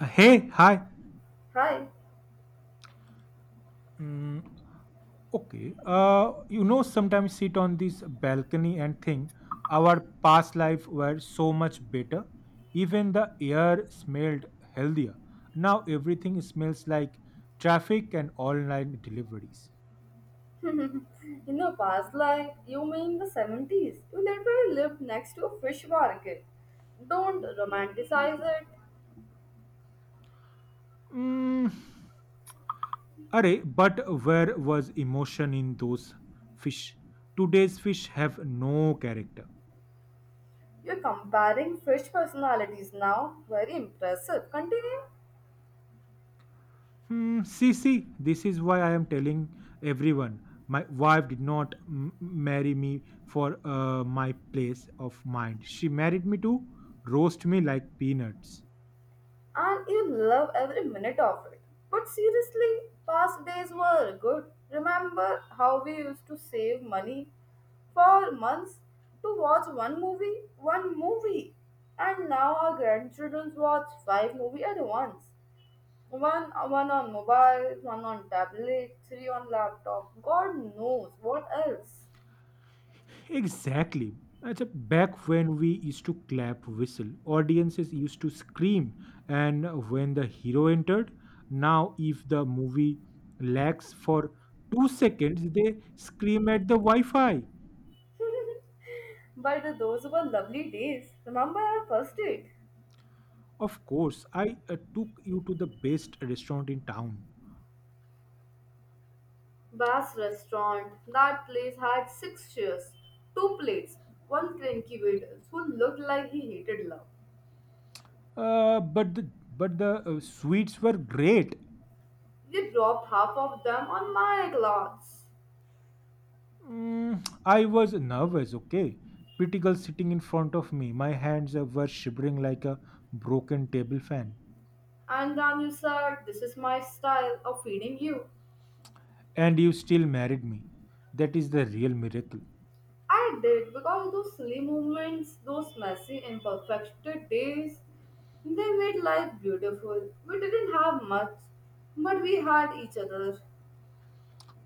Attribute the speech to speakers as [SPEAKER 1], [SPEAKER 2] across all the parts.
[SPEAKER 1] Hey, hi.
[SPEAKER 2] Hi.
[SPEAKER 1] Mm, okay. Sometimes sit on this balcony and think our past life were so much better. Even the air smelled healthier. Now everything smells like traffic and online deliveries.
[SPEAKER 2] In the past life, you mean the 70s? You literally lived next to a fish market. Don't romanticize it.
[SPEAKER 1] Mm, Array, but where was emotion in those fish? Today's fish have no character.
[SPEAKER 2] You're comparing fish personalities now. Very impressive. Continue.
[SPEAKER 1] See, this is why I am telling everyone. My wife did not marry me for my place of mind. She married me to roast me like peanuts.
[SPEAKER 2] And you love every minute of it. But seriously, past days were good. Remember how we used to save money for months to watch one movie, one movie. And now our grandchildren watch five movies at once. One on mobile, one on tablet, three on laptop. God knows what else.
[SPEAKER 1] Exactly. Back when we used to clap, whistle, audiences used to scream, and when the hero entered, now if the movie lags for two seconds, they scream at the Wi Fi.
[SPEAKER 2] But those were lovely days. Remember our first date?
[SPEAKER 1] Of course, I took you to the best restaurant in town.
[SPEAKER 2] Bass restaurant. That place had six chairs, two plates, one cranky waiter who looked like he hated love.
[SPEAKER 1] But the sweets were great.
[SPEAKER 2] You dropped half of them on my clothes.
[SPEAKER 1] I was nervous. Okay, pretty girl sitting in front of me. My hands were shivering like a broken table fan.
[SPEAKER 2] And then you said, "This is my style of feeding you."
[SPEAKER 1] And you still married me. That is the real miracle.
[SPEAKER 2] I did because those silly moments, those messy, imperfected days, they made life beautiful. We didn't have much, but we had each other.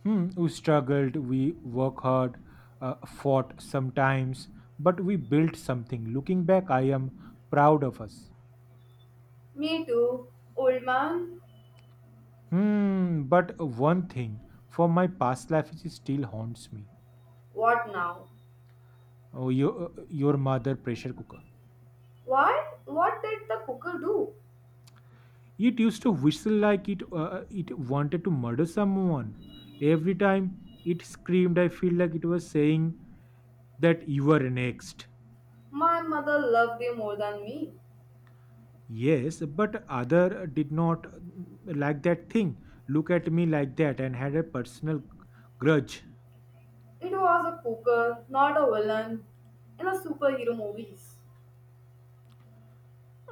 [SPEAKER 1] We struggled. We worked hard. Fought sometimes, but we built something. Looking back, I am proud of us.
[SPEAKER 2] Me too, old man.
[SPEAKER 1] But one thing for my past life is still haunts me.
[SPEAKER 2] What now?
[SPEAKER 1] Oh, your mother pressure cooker.
[SPEAKER 2] Why? What did the cooker do?
[SPEAKER 1] It used to whistle like it wanted to murder someone. Every time it screamed, I feel like it was saying that you were next.
[SPEAKER 2] My mother loved you more than me.
[SPEAKER 1] Yes, but other did not like that thing. Look at me like that and had a personal grudge.
[SPEAKER 2] It was a cooker, not a villain in a superhero movies.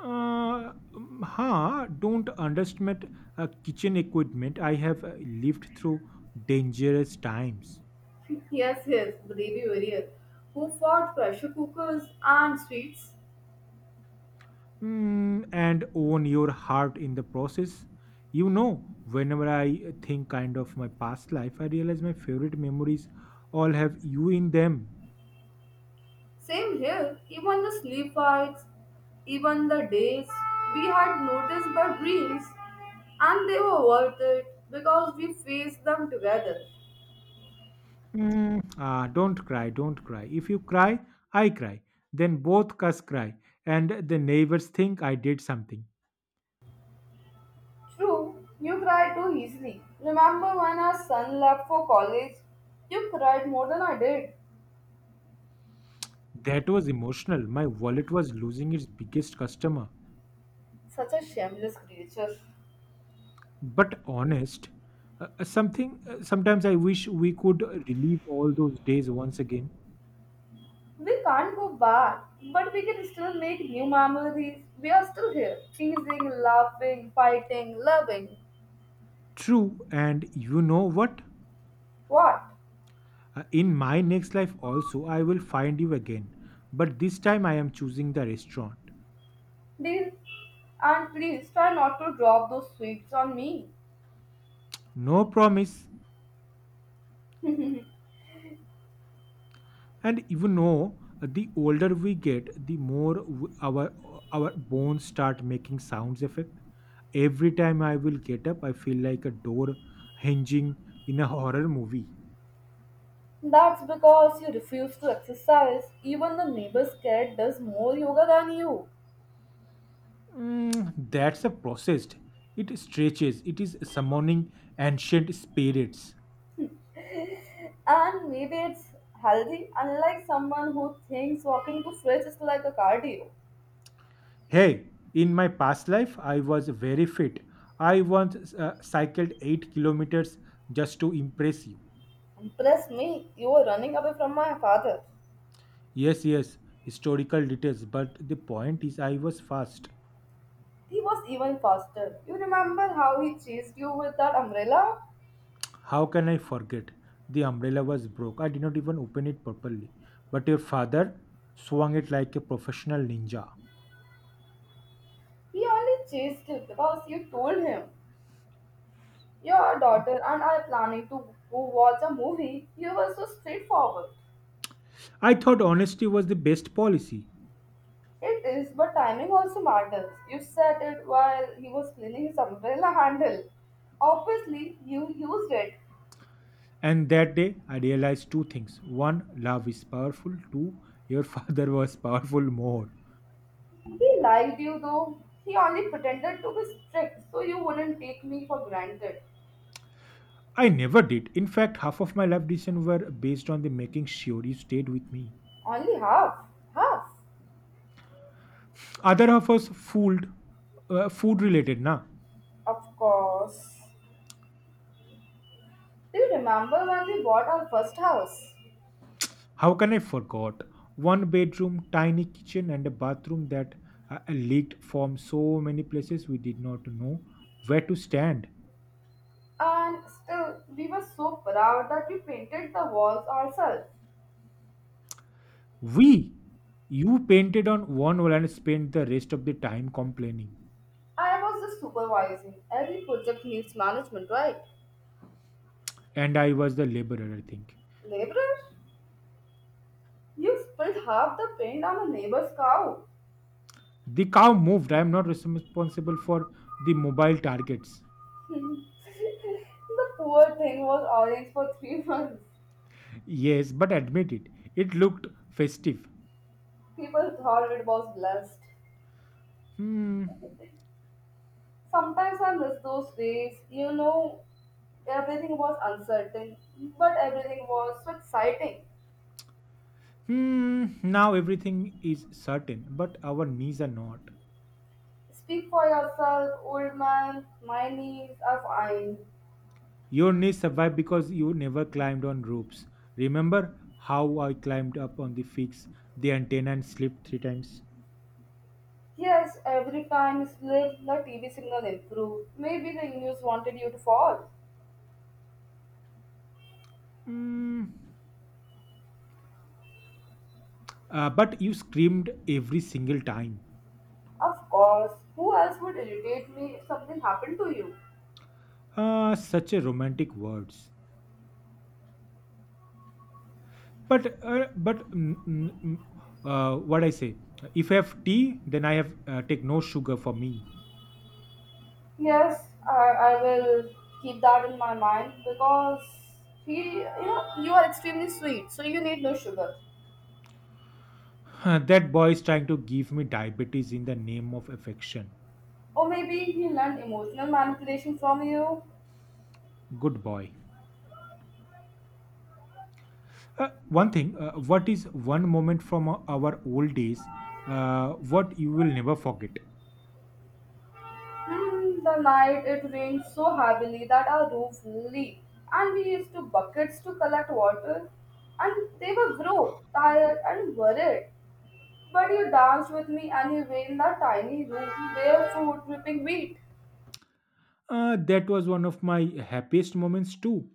[SPEAKER 1] Don't underestimate kitchen equipment. I have lived through dangerous times.
[SPEAKER 2] Yes, yes, the baby warrior who fought pressure cookers and sweets.
[SPEAKER 1] And own your heart in the process. You know, whenever I think kind of my past life, I realize my favorite memories all have you in them.
[SPEAKER 2] Same here, even the sleep fights, even the days we had noticed but dreams, and they were worth it because we faced them together.
[SPEAKER 1] Don't cry, don't cry. If you cry, I cry. Then both us cry, and the neighbors think I did something.
[SPEAKER 2] True, you cry too easily. Remember when our son left for college? You cried more than I did.
[SPEAKER 1] That was emotional. My wallet was losing its biggest customer.
[SPEAKER 2] Such a shameless creature.
[SPEAKER 1] But honest, something sometimes I wish we could relive all those days once again.
[SPEAKER 2] We can't go back, but we can still make new memories. We are still here, teasing, laughing, fighting, loving.
[SPEAKER 1] True, and you know what?
[SPEAKER 2] What?
[SPEAKER 1] In my next life also I will find you again. But this time I am choosing the restaurant.
[SPEAKER 2] Deal. And please try not to drop those sweets on me.
[SPEAKER 1] No promise, and even though the older we get the more our bones start making sounds effect every time I will get up I feel like a door hinging in a horror movie.
[SPEAKER 2] That's because you refuse to exercise. Even the neighbor's cat does more yoga than you.
[SPEAKER 1] That's a process, it stretches, it is summoning ancient spirits.
[SPEAKER 2] And maybe it's healthy, unlike someone who thinks walking to fridge is like a cardio.
[SPEAKER 1] Hey, in my past life I was very fit. I once cycled 8 kilometers just to impress you.
[SPEAKER 2] Impress me, you were running away from my father.
[SPEAKER 1] Yes, yes, historical details, but the point is I was fast.
[SPEAKER 2] He was even faster. You remember how he chased you with that umbrella?
[SPEAKER 1] How can I forget? The umbrella was broke. I did not even open it properly. But your father swung it like a professional ninja.
[SPEAKER 2] He only chased you because you told him, "Your daughter and I are planning to go watch a movie." You were so straightforward.
[SPEAKER 1] I thought honesty was the best policy.
[SPEAKER 2] It is, but timing also matters. You said it while he was cleaning his umbrella handle. Obviously, you used it.
[SPEAKER 1] And that day I realized two things. One, love is powerful. Two, your father was powerful more.
[SPEAKER 2] He liked you though. He only pretended to be strict so you wouldn't take me for granted.
[SPEAKER 1] I never did. In fact, half of my life decisions were based on the making sure you stayed with me.
[SPEAKER 2] Only half. Half.
[SPEAKER 1] Other half was fooled, food related, na.
[SPEAKER 2] Of course. Do you remember when we bought our first house?
[SPEAKER 1] How can I forgot? One bedroom, tiny kitchen, and a bathroom that leaked from so many places we did not know where to stand.
[SPEAKER 2] And still, we were so proud that we painted the walls ourselves.
[SPEAKER 1] We, you painted on one wall and spent the rest of the time complaining.
[SPEAKER 2] I was just supervising. Every project needs management, right?
[SPEAKER 1] And I was the laborer, I think.
[SPEAKER 2] Laborer? You spilled half the paint on a neighbor's cow.
[SPEAKER 1] The cow moved. I am not responsible for the mobile targets.
[SPEAKER 2] The poor thing was orange for three months.
[SPEAKER 1] Yes, but admit it. It looked festive.
[SPEAKER 2] People thought it was blessed.
[SPEAKER 1] Hmm.
[SPEAKER 2] Sometimes I miss those days. Everything was uncertain, but everything was so exciting.
[SPEAKER 1] Hmm. Now everything is certain, but our knees are not.
[SPEAKER 2] Speak for yourself, old man. My knees are fine.
[SPEAKER 1] Your knees survived because you never climbed on ropes. Remember how I climbed up on the figs, the antenna, and slipped three times?
[SPEAKER 2] Yes, every time slip, the TV signal improved. Maybe the news wanted you to fall.
[SPEAKER 1] Mm, but you screamed every single time.
[SPEAKER 2] Of course, who else would irritate me if something happened to you?
[SPEAKER 1] Ah, such a romantic words. But mm, mm, mm, What I say? If I have tea, then I have take no sugar for me.
[SPEAKER 2] Yes, I will keep that in my mind because he, you are extremely sweet, so you need no sugar.
[SPEAKER 1] That boy is trying to give me diabetes in the name of affection.
[SPEAKER 2] Or maybe he learned emotional manipulation from you.
[SPEAKER 1] Good boy. One thing, what is one moment from our old days, what you will never forget?
[SPEAKER 2] The night it rained so heavily that our roof leaked, and we used to buckets to collect water. And they were broke, tired, and worried. But you danced with me anyway in that tiny room, barefoot, ripping wheat.
[SPEAKER 1] That was one of my happiest moments too.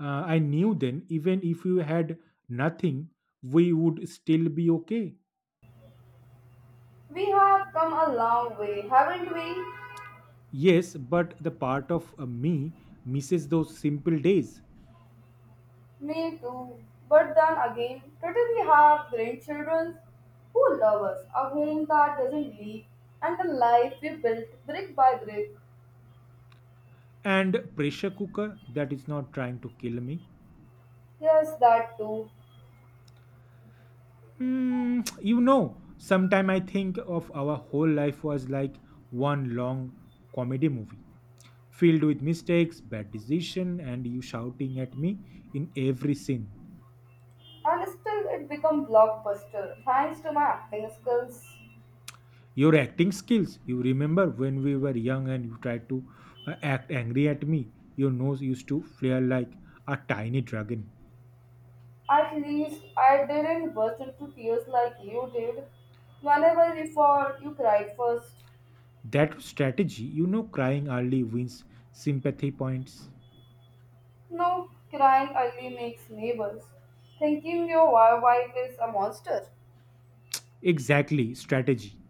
[SPEAKER 1] I knew then, even if you had nothing, we would still be okay.
[SPEAKER 2] We have come a long way, haven't we?
[SPEAKER 1] Yes, but the part of me misses those simple days.
[SPEAKER 2] Me too. But then again, today we have grandchildren who love us, a home that doesn't leak, and a life we built brick by brick.
[SPEAKER 1] And pressure cooker that is not trying to kill me.
[SPEAKER 2] Yes, that too.
[SPEAKER 1] You know, sometime I think of our whole life was like one long comedy movie, filled with mistakes, bad decision, and you shouting at me in every scene.
[SPEAKER 2] And still it became blockbuster thanks to my acting skills.
[SPEAKER 1] Your acting skills. You remember when we were young and you tried to act angry at me. Your nose used to flare like a tiny dragon.
[SPEAKER 2] At least I didn't burst into tears like you did. Whenever we fought, you cried first.
[SPEAKER 1] That strategy, you know, crying early wins sympathy points.
[SPEAKER 2] No, crying ugly makes neighbors. Thinking your wife is a monster.
[SPEAKER 1] Exactly, strategy.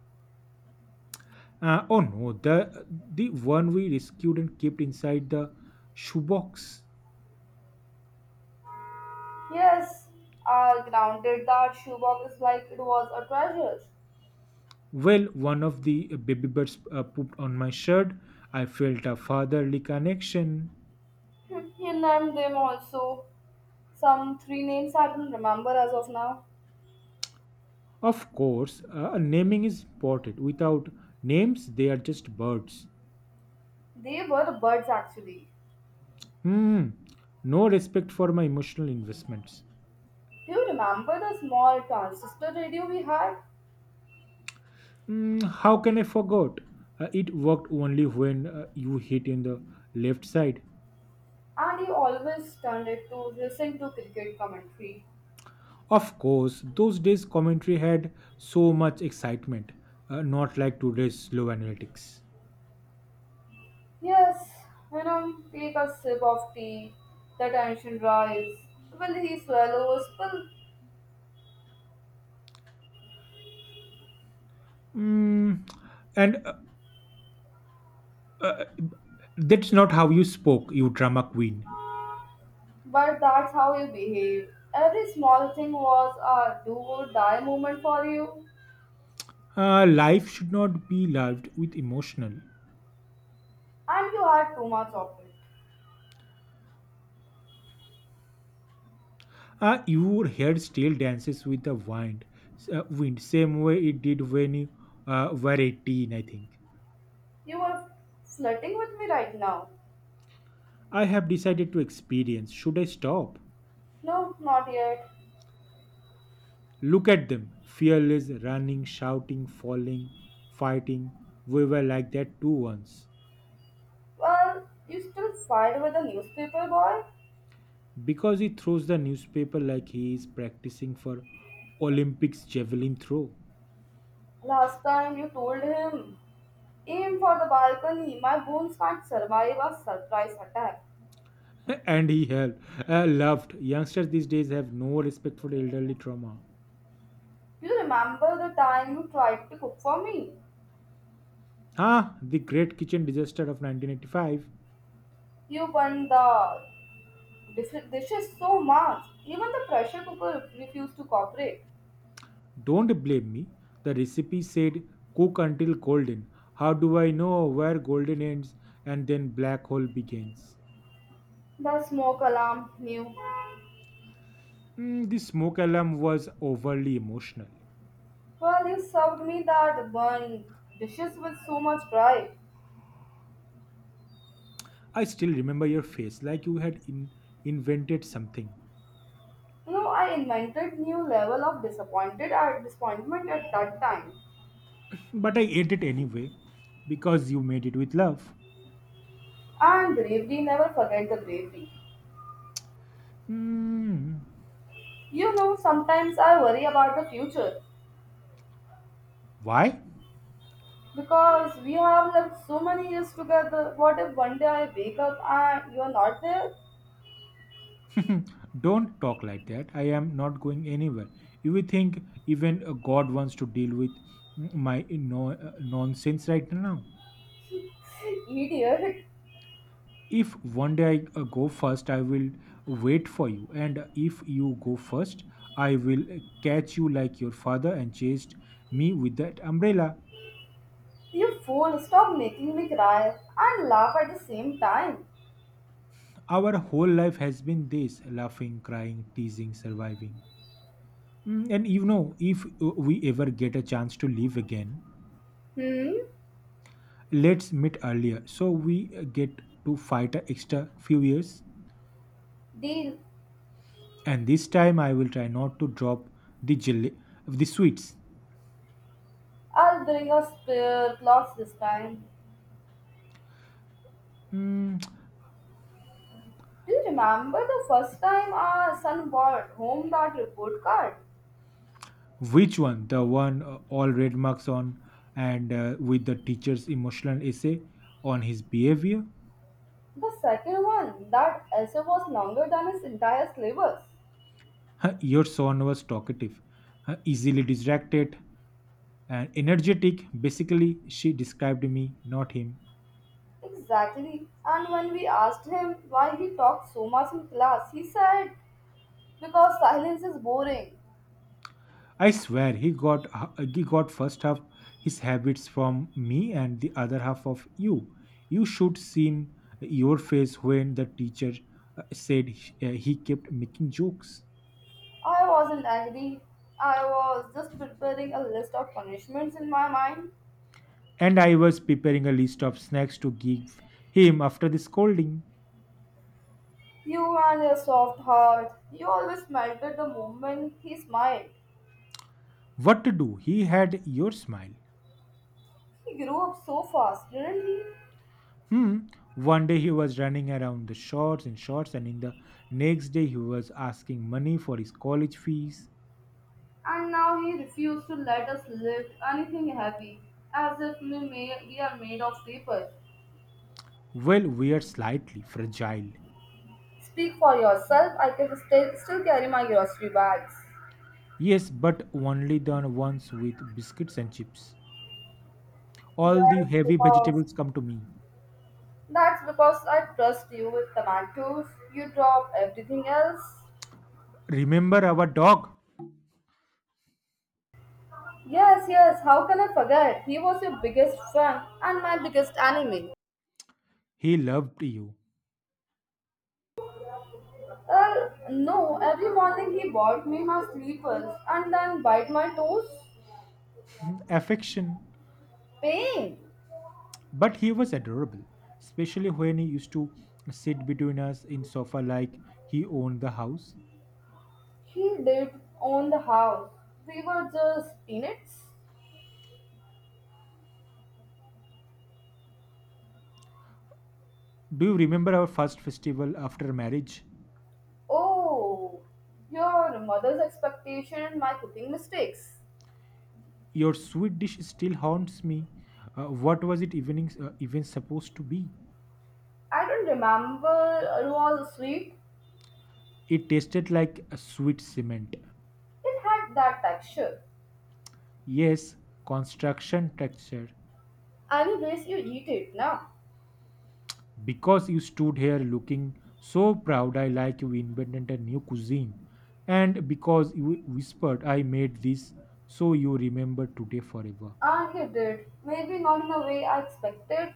[SPEAKER 1] Oh no, the one we rescued and kept inside the shoebox.
[SPEAKER 2] Yes, I grounded that shoebox like it was a treasure.
[SPEAKER 1] Well, one of the baby birds pooped on my shirt. I felt a fatherly connection.
[SPEAKER 2] He named them also. Some three names I don't remember as of now.
[SPEAKER 1] Of course, naming is important. Without names, they are just birds.
[SPEAKER 2] They were birds actually.
[SPEAKER 1] Hmm, no respect for my emotional investments.
[SPEAKER 2] Do you remember the small transistor radio we had?
[SPEAKER 1] How can I forget? It worked only when you hit in the left side.
[SPEAKER 2] And he always turned it to listen to cricket commentary.
[SPEAKER 1] Of course, those days commentary had so much excitement, not like today's slow analytics.
[SPEAKER 2] Yes, take a sip of tea, the tension rise. Will he swallows? Will.
[SPEAKER 1] Mm, and That's not how you spoke, you drama queen.
[SPEAKER 2] But that's how you behave. Every small thing was a do or die moment for you,
[SPEAKER 1] Life should not be lived with emotional.
[SPEAKER 2] and you had too much of it.
[SPEAKER 1] Your hair still dances with the wind, wind, same way it did when you were 18, I think.
[SPEAKER 2] You were flirting with me right now.
[SPEAKER 1] I have decided to experience. Should I stop?
[SPEAKER 2] No, not yet.
[SPEAKER 1] Look at them, fearless, running, shouting, falling, fighting. We were like that too once.
[SPEAKER 2] Well, you still fight with the newspaper boy?
[SPEAKER 1] Because he throws the newspaper like he is practicing for Olympics javelin throw.
[SPEAKER 2] Last time you told him, "Aim for the balcony, my bones can't survive a surprise attack."
[SPEAKER 1] And he helped. Laughed. Youngsters these days have no respect for elderly trauma.
[SPEAKER 2] You remember the time you tried to cook for me?
[SPEAKER 1] Ah, the great kitchen disaster of 1985.
[SPEAKER 2] You burned the dishes so much, even the pressure cooker refused to cooperate.
[SPEAKER 1] Don't blame me. The recipe said cook until golden. How do I know where golden ends and then black hole begins?
[SPEAKER 2] The smoke alarm knew.
[SPEAKER 1] The smoke alarm was overly emotional.
[SPEAKER 2] Well, you served me that burned dishes with so much pride.
[SPEAKER 1] I still remember your face like you had invented something.
[SPEAKER 2] I invented new level of disappointed at disappointment at that time.
[SPEAKER 1] But I ate it anyway because you made it with love.
[SPEAKER 2] And bravery, never forget the bravery.
[SPEAKER 1] Mm,
[SPEAKER 2] Sometimes I worry about the future
[SPEAKER 1] why?
[SPEAKER 2] because we have lived so many years together. What if one day I wake up and you are not there?
[SPEAKER 1] Hmm, Don't talk like that. I am not going anywhere. You think even God wants to deal with mm, my no, nonsense right now?
[SPEAKER 2] Idiot!
[SPEAKER 1] If one day I go first, I will wait for you. And if you go first, I will catch you like your father and chased me with that umbrella.
[SPEAKER 2] You fool, stop making me cry and laugh at the same time.
[SPEAKER 1] Our whole life has been this laughing, crying, teasing, surviving. And you know, if we ever get a chance to live again,
[SPEAKER 2] Hmm?
[SPEAKER 1] let's meet earlier so we get to fight a extra few years,
[SPEAKER 2] Deal.
[SPEAKER 1] and this time I will try not to drop the jelly the sweets.
[SPEAKER 2] I'll bring a spare cloth this time.
[SPEAKER 1] Mm,
[SPEAKER 2] Do you remember the first time our son brought home that report card?
[SPEAKER 1] which one, the one all red marks on and with the teacher's emotional essay on his behavior?
[SPEAKER 2] The second one, that essay was longer than his entire syllabus.
[SPEAKER 1] Your son was talkative, easily distracted and energetic, basically she described me not him.
[SPEAKER 2] Exactly. And when we asked him why he talked so much in class, he said, "Because silence is boring."
[SPEAKER 1] I swear he got first half his habits from me and the other half of you. You should seen your face when the teacher said he kept making jokes.
[SPEAKER 2] I wasn't angry. I was just preparing a list of punishments in my mind.
[SPEAKER 1] And I was preparing a list of snacks to give him after the scolding.
[SPEAKER 2] You and your soft heart. You always melted the moment he smiled.
[SPEAKER 1] What to do? He had your smile.
[SPEAKER 2] He grew up so fast, didn't he?
[SPEAKER 1] Hmm. One day he was running around the shorts and shorts, and in the next day he was asking money for his college fees.
[SPEAKER 2] And now he refused to let us lift anything heavy, as if we, may, we are made of paper.
[SPEAKER 1] Well, we are slightly fragile.
[SPEAKER 2] Speak for yourself. I can still carry my grocery bags.
[SPEAKER 1] Yes, but only the ones with biscuits and chips. All the
[SPEAKER 2] That's
[SPEAKER 1] heavy
[SPEAKER 2] because
[SPEAKER 1] vegetables come to me.
[SPEAKER 2] that's because I trust you with tomatoes. You drop everything else.
[SPEAKER 1] Remember our dog?
[SPEAKER 2] Yes, yes. How can I forget? He was your biggest fan and my biggest enemy.
[SPEAKER 1] He loved you.
[SPEAKER 2] No. Every morning he bought me my sleepers and then bite my toes.
[SPEAKER 1] Affection.
[SPEAKER 2] Pain.
[SPEAKER 1] But he was adorable, especially when he used to sit between us in sofa like he owned the house.
[SPEAKER 2] He did own the house. We were just peanuts.
[SPEAKER 1] Do you remember our first festival after marriage?
[SPEAKER 2] Oh, your mother's expectation and my cooking mistakes.
[SPEAKER 1] Your sweet dish still haunts me. What was it evening, even supposed to be?
[SPEAKER 2] I don't remember it was sweet.
[SPEAKER 1] It tasted like a sweet cement.
[SPEAKER 2] It had that texture.
[SPEAKER 1] Yes, construction texture.
[SPEAKER 2] Anyways, you eat it now.
[SPEAKER 1] Because you stood here looking so proud, I like you invented a new cuisine. And because you whispered, I made this so you remember today forever.
[SPEAKER 2] And he did. Maybe not in the way I expected.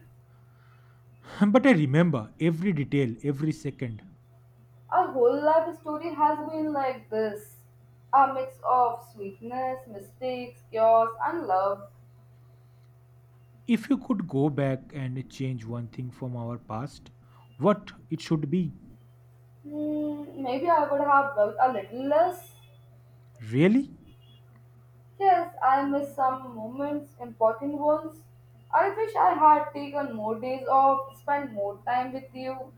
[SPEAKER 1] But I remember every detail, every second.
[SPEAKER 2] Our whole life story has been like this: a mix of sweetness, mistakes, chaos, and love.
[SPEAKER 1] If you could go back and change one thing from our past, what it should be?
[SPEAKER 2] Maybe I would have worked a little less.
[SPEAKER 1] Really?
[SPEAKER 2] Yes, I missed some moments, important ones. I wish I had taken more days off, spent more time with you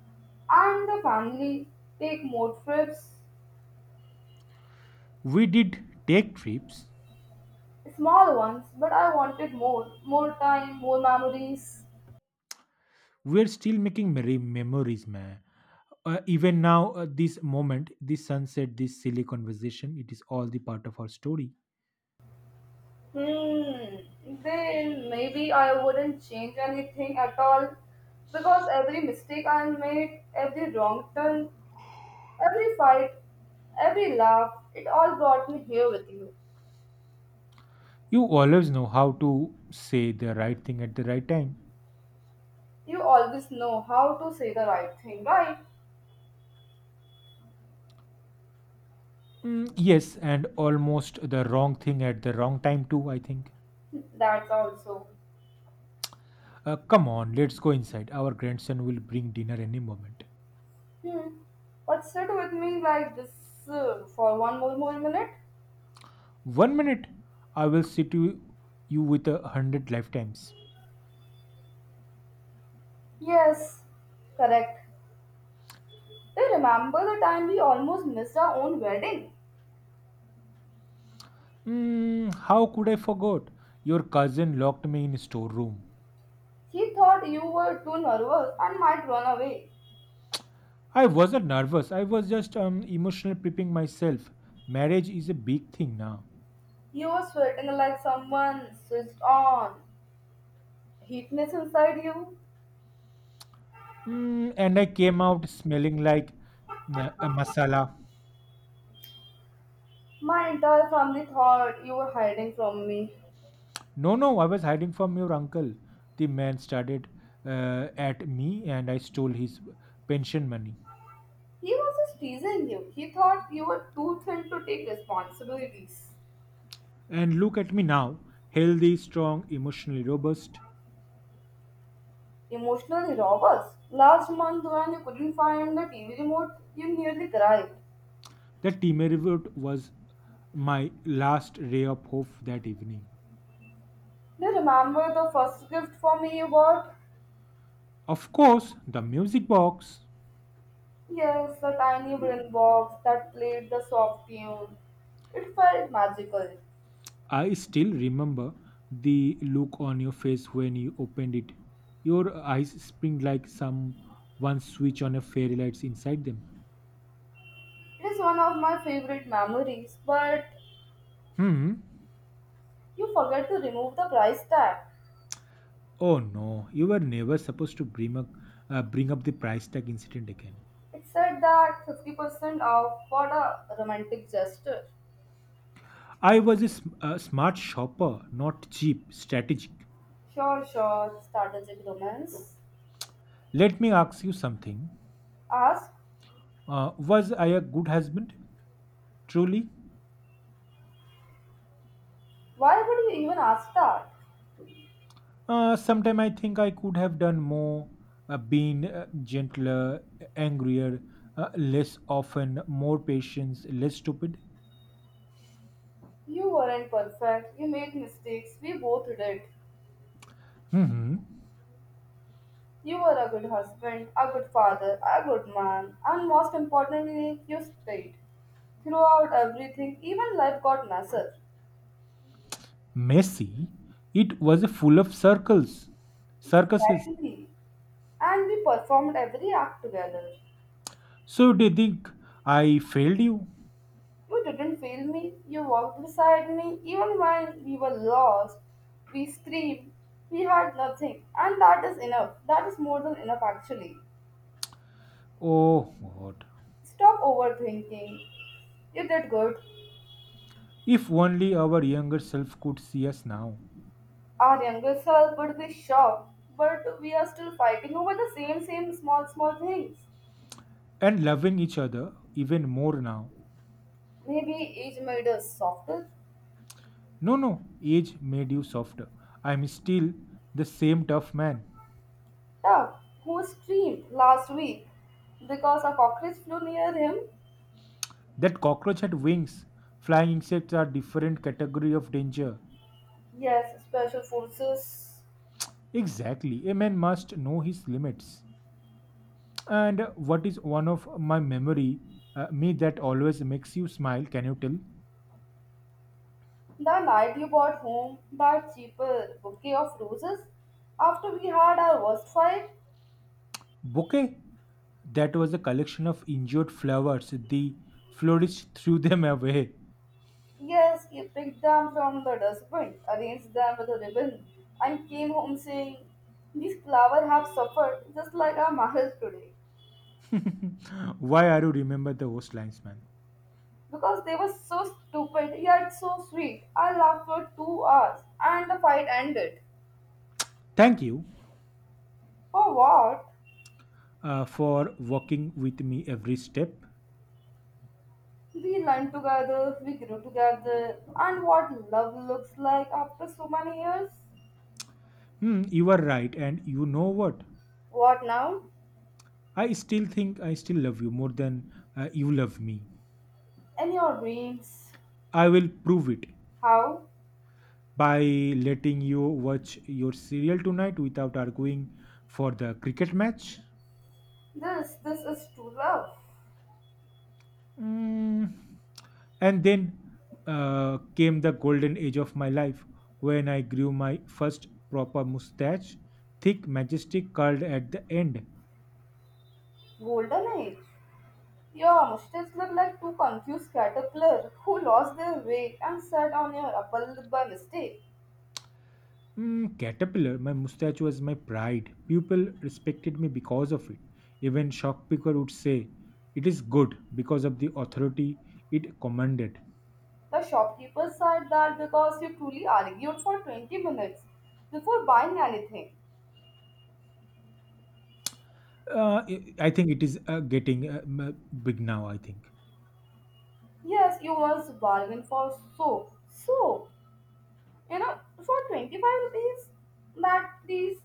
[SPEAKER 2] and the family, take more trips.
[SPEAKER 1] We did take trips.
[SPEAKER 2] Small ones, but I wanted more. More time, more memories.
[SPEAKER 1] We're still making memories, man. Even now, this moment, this sunset, this silly conversation, it is all the part of our story.
[SPEAKER 2] Hmm. Then maybe I wouldn't change anything at all. Because every mistake I made, every wrong turn, every fight, every laugh, it all brought me here with you.
[SPEAKER 1] You always know how to say the right thing at the right time.
[SPEAKER 2] You always know how to say the right thing, right?
[SPEAKER 1] Yes, and almost the wrong thing at the wrong time, too, I think.
[SPEAKER 2] That's also.
[SPEAKER 1] Come on, let's go inside. Our grandson will bring dinner any moment.
[SPEAKER 2] Hmm. But sit with me like this for one more minute?
[SPEAKER 1] One minute, I will sit you, you with 100 lifetimes.
[SPEAKER 2] Yes, correct. Do you remember the time we almost missed our own wedding?
[SPEAKER 1] How could I forget? Your cousin locked me in storeroom.
[SPEAKER 2] He thought you were too nervous and might run away.
[SPEAKER 1] I wasn't nervous. I was just emotional prepping myself. Marriage is a big thing now.
[SPEAKER 2] You were sweating like someone switched on. Heatness inside you.
[SPEAKER 1] Mm, and I came out smelling like a masala.
[SPEAKER 2] My entire family thought you were hiding from me.
[SPEAKER 1] No, no, I was hiding from your uncle. The man started at me, and I stole his pension money.
[SPEAKER 2] He was just teasing you. He thought you were too thin to take responsibilities.
[SPEAKER 1] And look at me now, healthy, strong, emotionally robust.
[SPEAKER 2] Emotionally robust. Last month when you couldn't find the TV remote, you nearly cried.
[SPEAKER 1] That team revert was my last ray of hope that evening.
[SPEAKER 2] Do you remember the first gift for me you bought?
[SPEAKER 1] Of course, the music box.
[SPEAKER 2] Yes, the tiny wooden box that played the soft tune. It felt magical.
[SPEAKER 1] I still remember the look on your face when you opened it. Your eyes spring like some one switch on a fairy lights inside them.
[SPEAKER 2] It is one of my favorite memories, but
[SPEAKER 1] Hmm.
[SPEAKER 2] you forget to remove the price tag.
[SPEAKER 1] Oh no, you were never supposed to bring up the price tag incident again.
[SPEAKER 2] It said that 50% off for a romantic gesture.
[SPEAKER 1] I was a smart shopper, not cheap, strategic.
[SPEAKER 2] Sure, sure, strategic romance.
[SPEAKER 1] Let me ask you something.
[SPEAKER 2] Ask,
[SPEAKER 1] Was I a good husband? Truly?
[SPEAKER 2] why would you even ask that?
[SPEAKER 1] Sometime I think I could have done more, been gentler, angrier, less often, more patience, less stupid.
[SPEAKER 2] You weren't perfect, you made mistakes, we both did.
[SPEAKER 1] hmm
[SPEAKER 2] You were a good husband, a good father, a good man, and most importantly, you stayed. Throughout everything, even life got messier.
[SPEAKER 1] Messy. It was full of circles, circuses.
[SPEAKER 2] Exactly. And we performed every act together.
[SPEAKER 1] So they think I failed you.
[SPEAKER 2] You didn't fail me, you walked beside me, even when we were lost. We screamed, we had nothing, and that is enough. That is more than enough, actually.
[SPEAKER 1] Oh God!
[SPEAKER 2] Stop overthinking. You did good.
[SPEAKER 1] If only our younger self could see us now,
[SPEAKER 2] Our younger self would be shocked, but we are still fighting over the same, same small, small things.
[SPEAKER 1] and loving each other even more now.
[SPEAKER 2] Maybe age made us softer,
[SPEAKER 1] No, no, age made you softer. I'm still the same tough man.
[SPEAKER 2] tough. Who screamed last week because a cockroach flew near him?
[SPEAKER 1] That cockroach had wings. Flying insects are different category of danger.
[SPEAKER 2] Yes, special forces.
[SPEAKER 1] Exactly. A man must know his limits. And what is one of my memory, me that always makes you smile, can you tell?
[SPEAKER 2] The night you brought home that cheaper bouquet of roses after we had our worst fight,
[SPEAKER 1] Bouquet. That was a collection of injured flowers. The florist threw them away.
[SPEAKER 2] yes, he picked them from the dustbin, arranged them with a ribbon, and came home saying, "These flowers have suffered just like our marriage today."
[SPEAKER 1] Why are you remember those lines, man?
[SPEAKER 2] Because they were so stupid yet so sweet. I laughed for 2 hours and the fight ended.
[SPEAKER 1] Thank you
[SPEAKER 2] For what?
[SPEAKER 1] for walking with me every step.
[SPEAKER 2] We learned together, we grew together, and what love looks like after so many years.
[SPEAKER 1] Hmm, you are right. And you know what?
[SPEAKER 2] What now?
[SPEAKER 1] I still think I still love you more than you love me.
[SPEAKER 2] In your dreams.
[SPEAKER 1] I will prove it
[SPEAKER 2] How?
[SPEAKER 1] by letting you watch your serial tonight without arguing for the cricket match.
[SPEAKER 2] This is true love.
[SPEAKER 1] Mm. And then came the golden age of my life when I grew my first proper mustache, thick, majestic, curled at the end.
[SPEAKER 2] Golden age. Your mushrooms look like two confused caterpillars who lost their way and sat on your apple by mistake.
[SPEAKER 1] Mm, caterpillar, my mustache was my pride. People respected me because of it. Even Shockpicker would say, it is good because of the authority it commanded.
[SPEAKER 2] The shopkeeper said that because you truly argued for 20 minutes before buying anything.
[SPEAKER 1] I think it is getting big now, I think.
[SPEAKER 2] Yes, you once bargained for soap. Soap, for 25 rupees? That these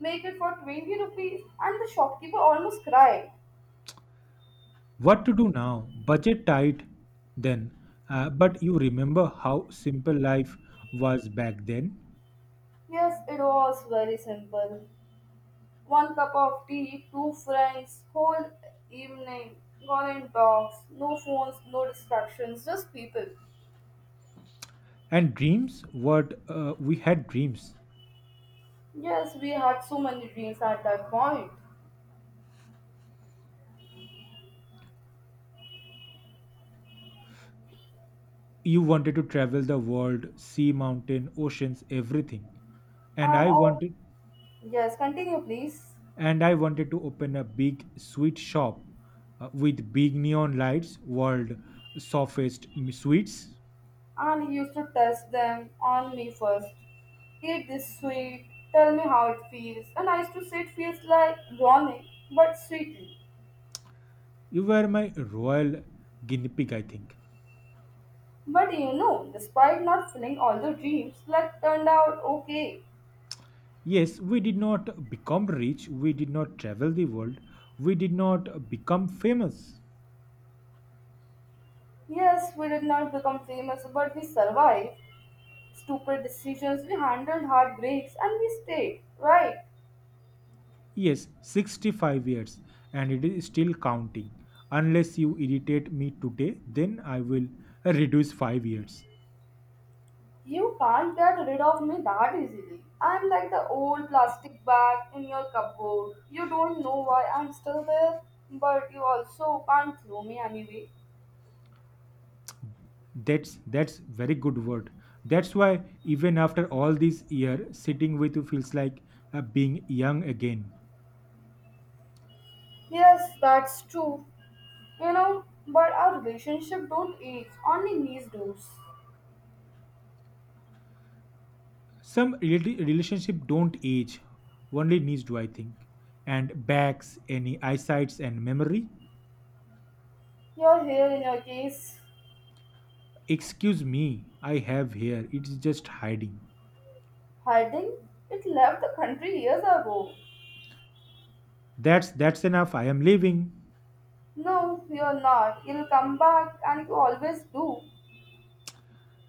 [SPEAKER 2] make it for 20 rupees. And the shopkeeper almost cried.
[SPEAKER 1] What to do now? Budget tight then. But you remember how simple life was back then?
[SPEAKER 2] Yes, it was very simple. One cup of tea, two friends, whole evening, gone in talks, no phones, no distractions, just people.
[SPEAKER 1] And dreams? What, we had dreams.
[SPEAKER 2] Yes, we had so many dreams at that point.
[SPEAKER 1] You wanted to travel the world, see mountain, oceans, everything. And
[SPEAKER 2] And
[SPEAKER 1] I
[SPEAKER 2] oh,
[SPEAKER 1] wanted
[SPEAKER 2] yes, continue please.
[SPEAKER 1] and I wanted to open a big sweet shop, with big neon lights, world sweets.
[SPEAKER 2] And he used to test them on me first. Eat this sweet, tell me how it feels. And I used to say it feels like warning, but sweetly.
[SPEAKER 1] You were my royal guinea pig, I think.
[SPEAKER 2] But despite not filling all the dreams, life turned out okay.
[SPEAKER 1] Yes, we did not become rich, we did not travel the world, we did not become famous.
[SPEAKER 2] Yes, we did not become famous, but we survived. Stupid decisions, we handled heartbreaks, and we stayed. Right?
[SPEAKER 1] Yes, 65 years, and it is still counting. Unless you irritate me today, then I will reduce 5 years.
[SPEAKER 2] You can't get rid of me that easily. I'm like the old plastic bag in your cupboard. You don't know why I'm still there, but you also can't throw me anyway.
[SPEAKER 1] That's very good word. That's why even after all these years, sitting with you feels like being young again.
[SPEAKER 2] Yes, that's true. But our relationship don't age, only knees do.
[SPEAKER 1] Some relationship don't age, only needs do I think. And backs, any eyesights and memory.
[SPEAKER 2] Your hair in your case,
[SPEAKER 1] Excuse me, I have here. It's just hiding.
[SPEAKER 2] hiding, it left the country years ago.
[SPEAKER 1] That's enough. I am leaving.
[SPEAKER 2] No, you're not. You'll come back and you always do.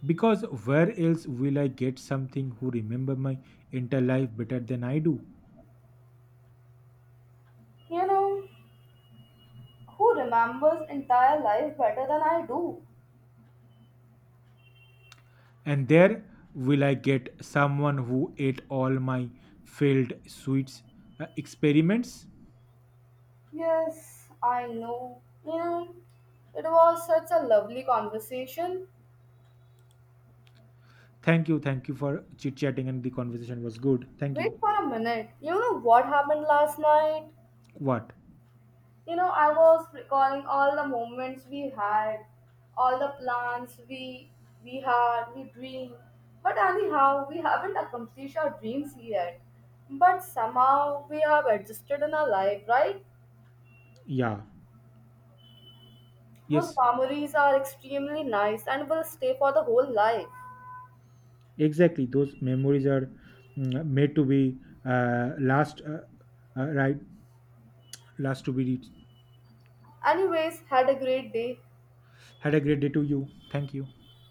[SPEAKER 1] Because where else will I get something who remember my entire life better than I do?
[SPEAKER 2] You know, who remembers entire life better than I do?
[SPEAKER 1] And there will I get someone who ate all my failed sweets experiments.
[SPEAKER 2] Yes, I know. It was such a lovely conversation.
[SPEAKER 1] Thank you for chit chatting, and the conversation was good. Thank you.
[SPEAKER 2] Wait for a minute. You know what happened last night?
[SPEAKER 1] What?
[SPEAKER 2] I was recalling all the moments we had, all the plans we had, we dreamed. But anyhow, we haven't accomplished our dreams yet. But somehow we have adjusted in our life, right?
[SPEAKER 1] Yeah,
[SPEAKER 2] Those
[SPEAKER 1] yes,
[SPEAKER 2] memories are extremely nice and will stay for the whole life.
[SPEAKER 1] exactly. Those memories are made to be last, right? Last to be reached.
[SPEAKER 2] Anyways, had a great day.
[SPEAKER 1] Had a great day to you. Thank you.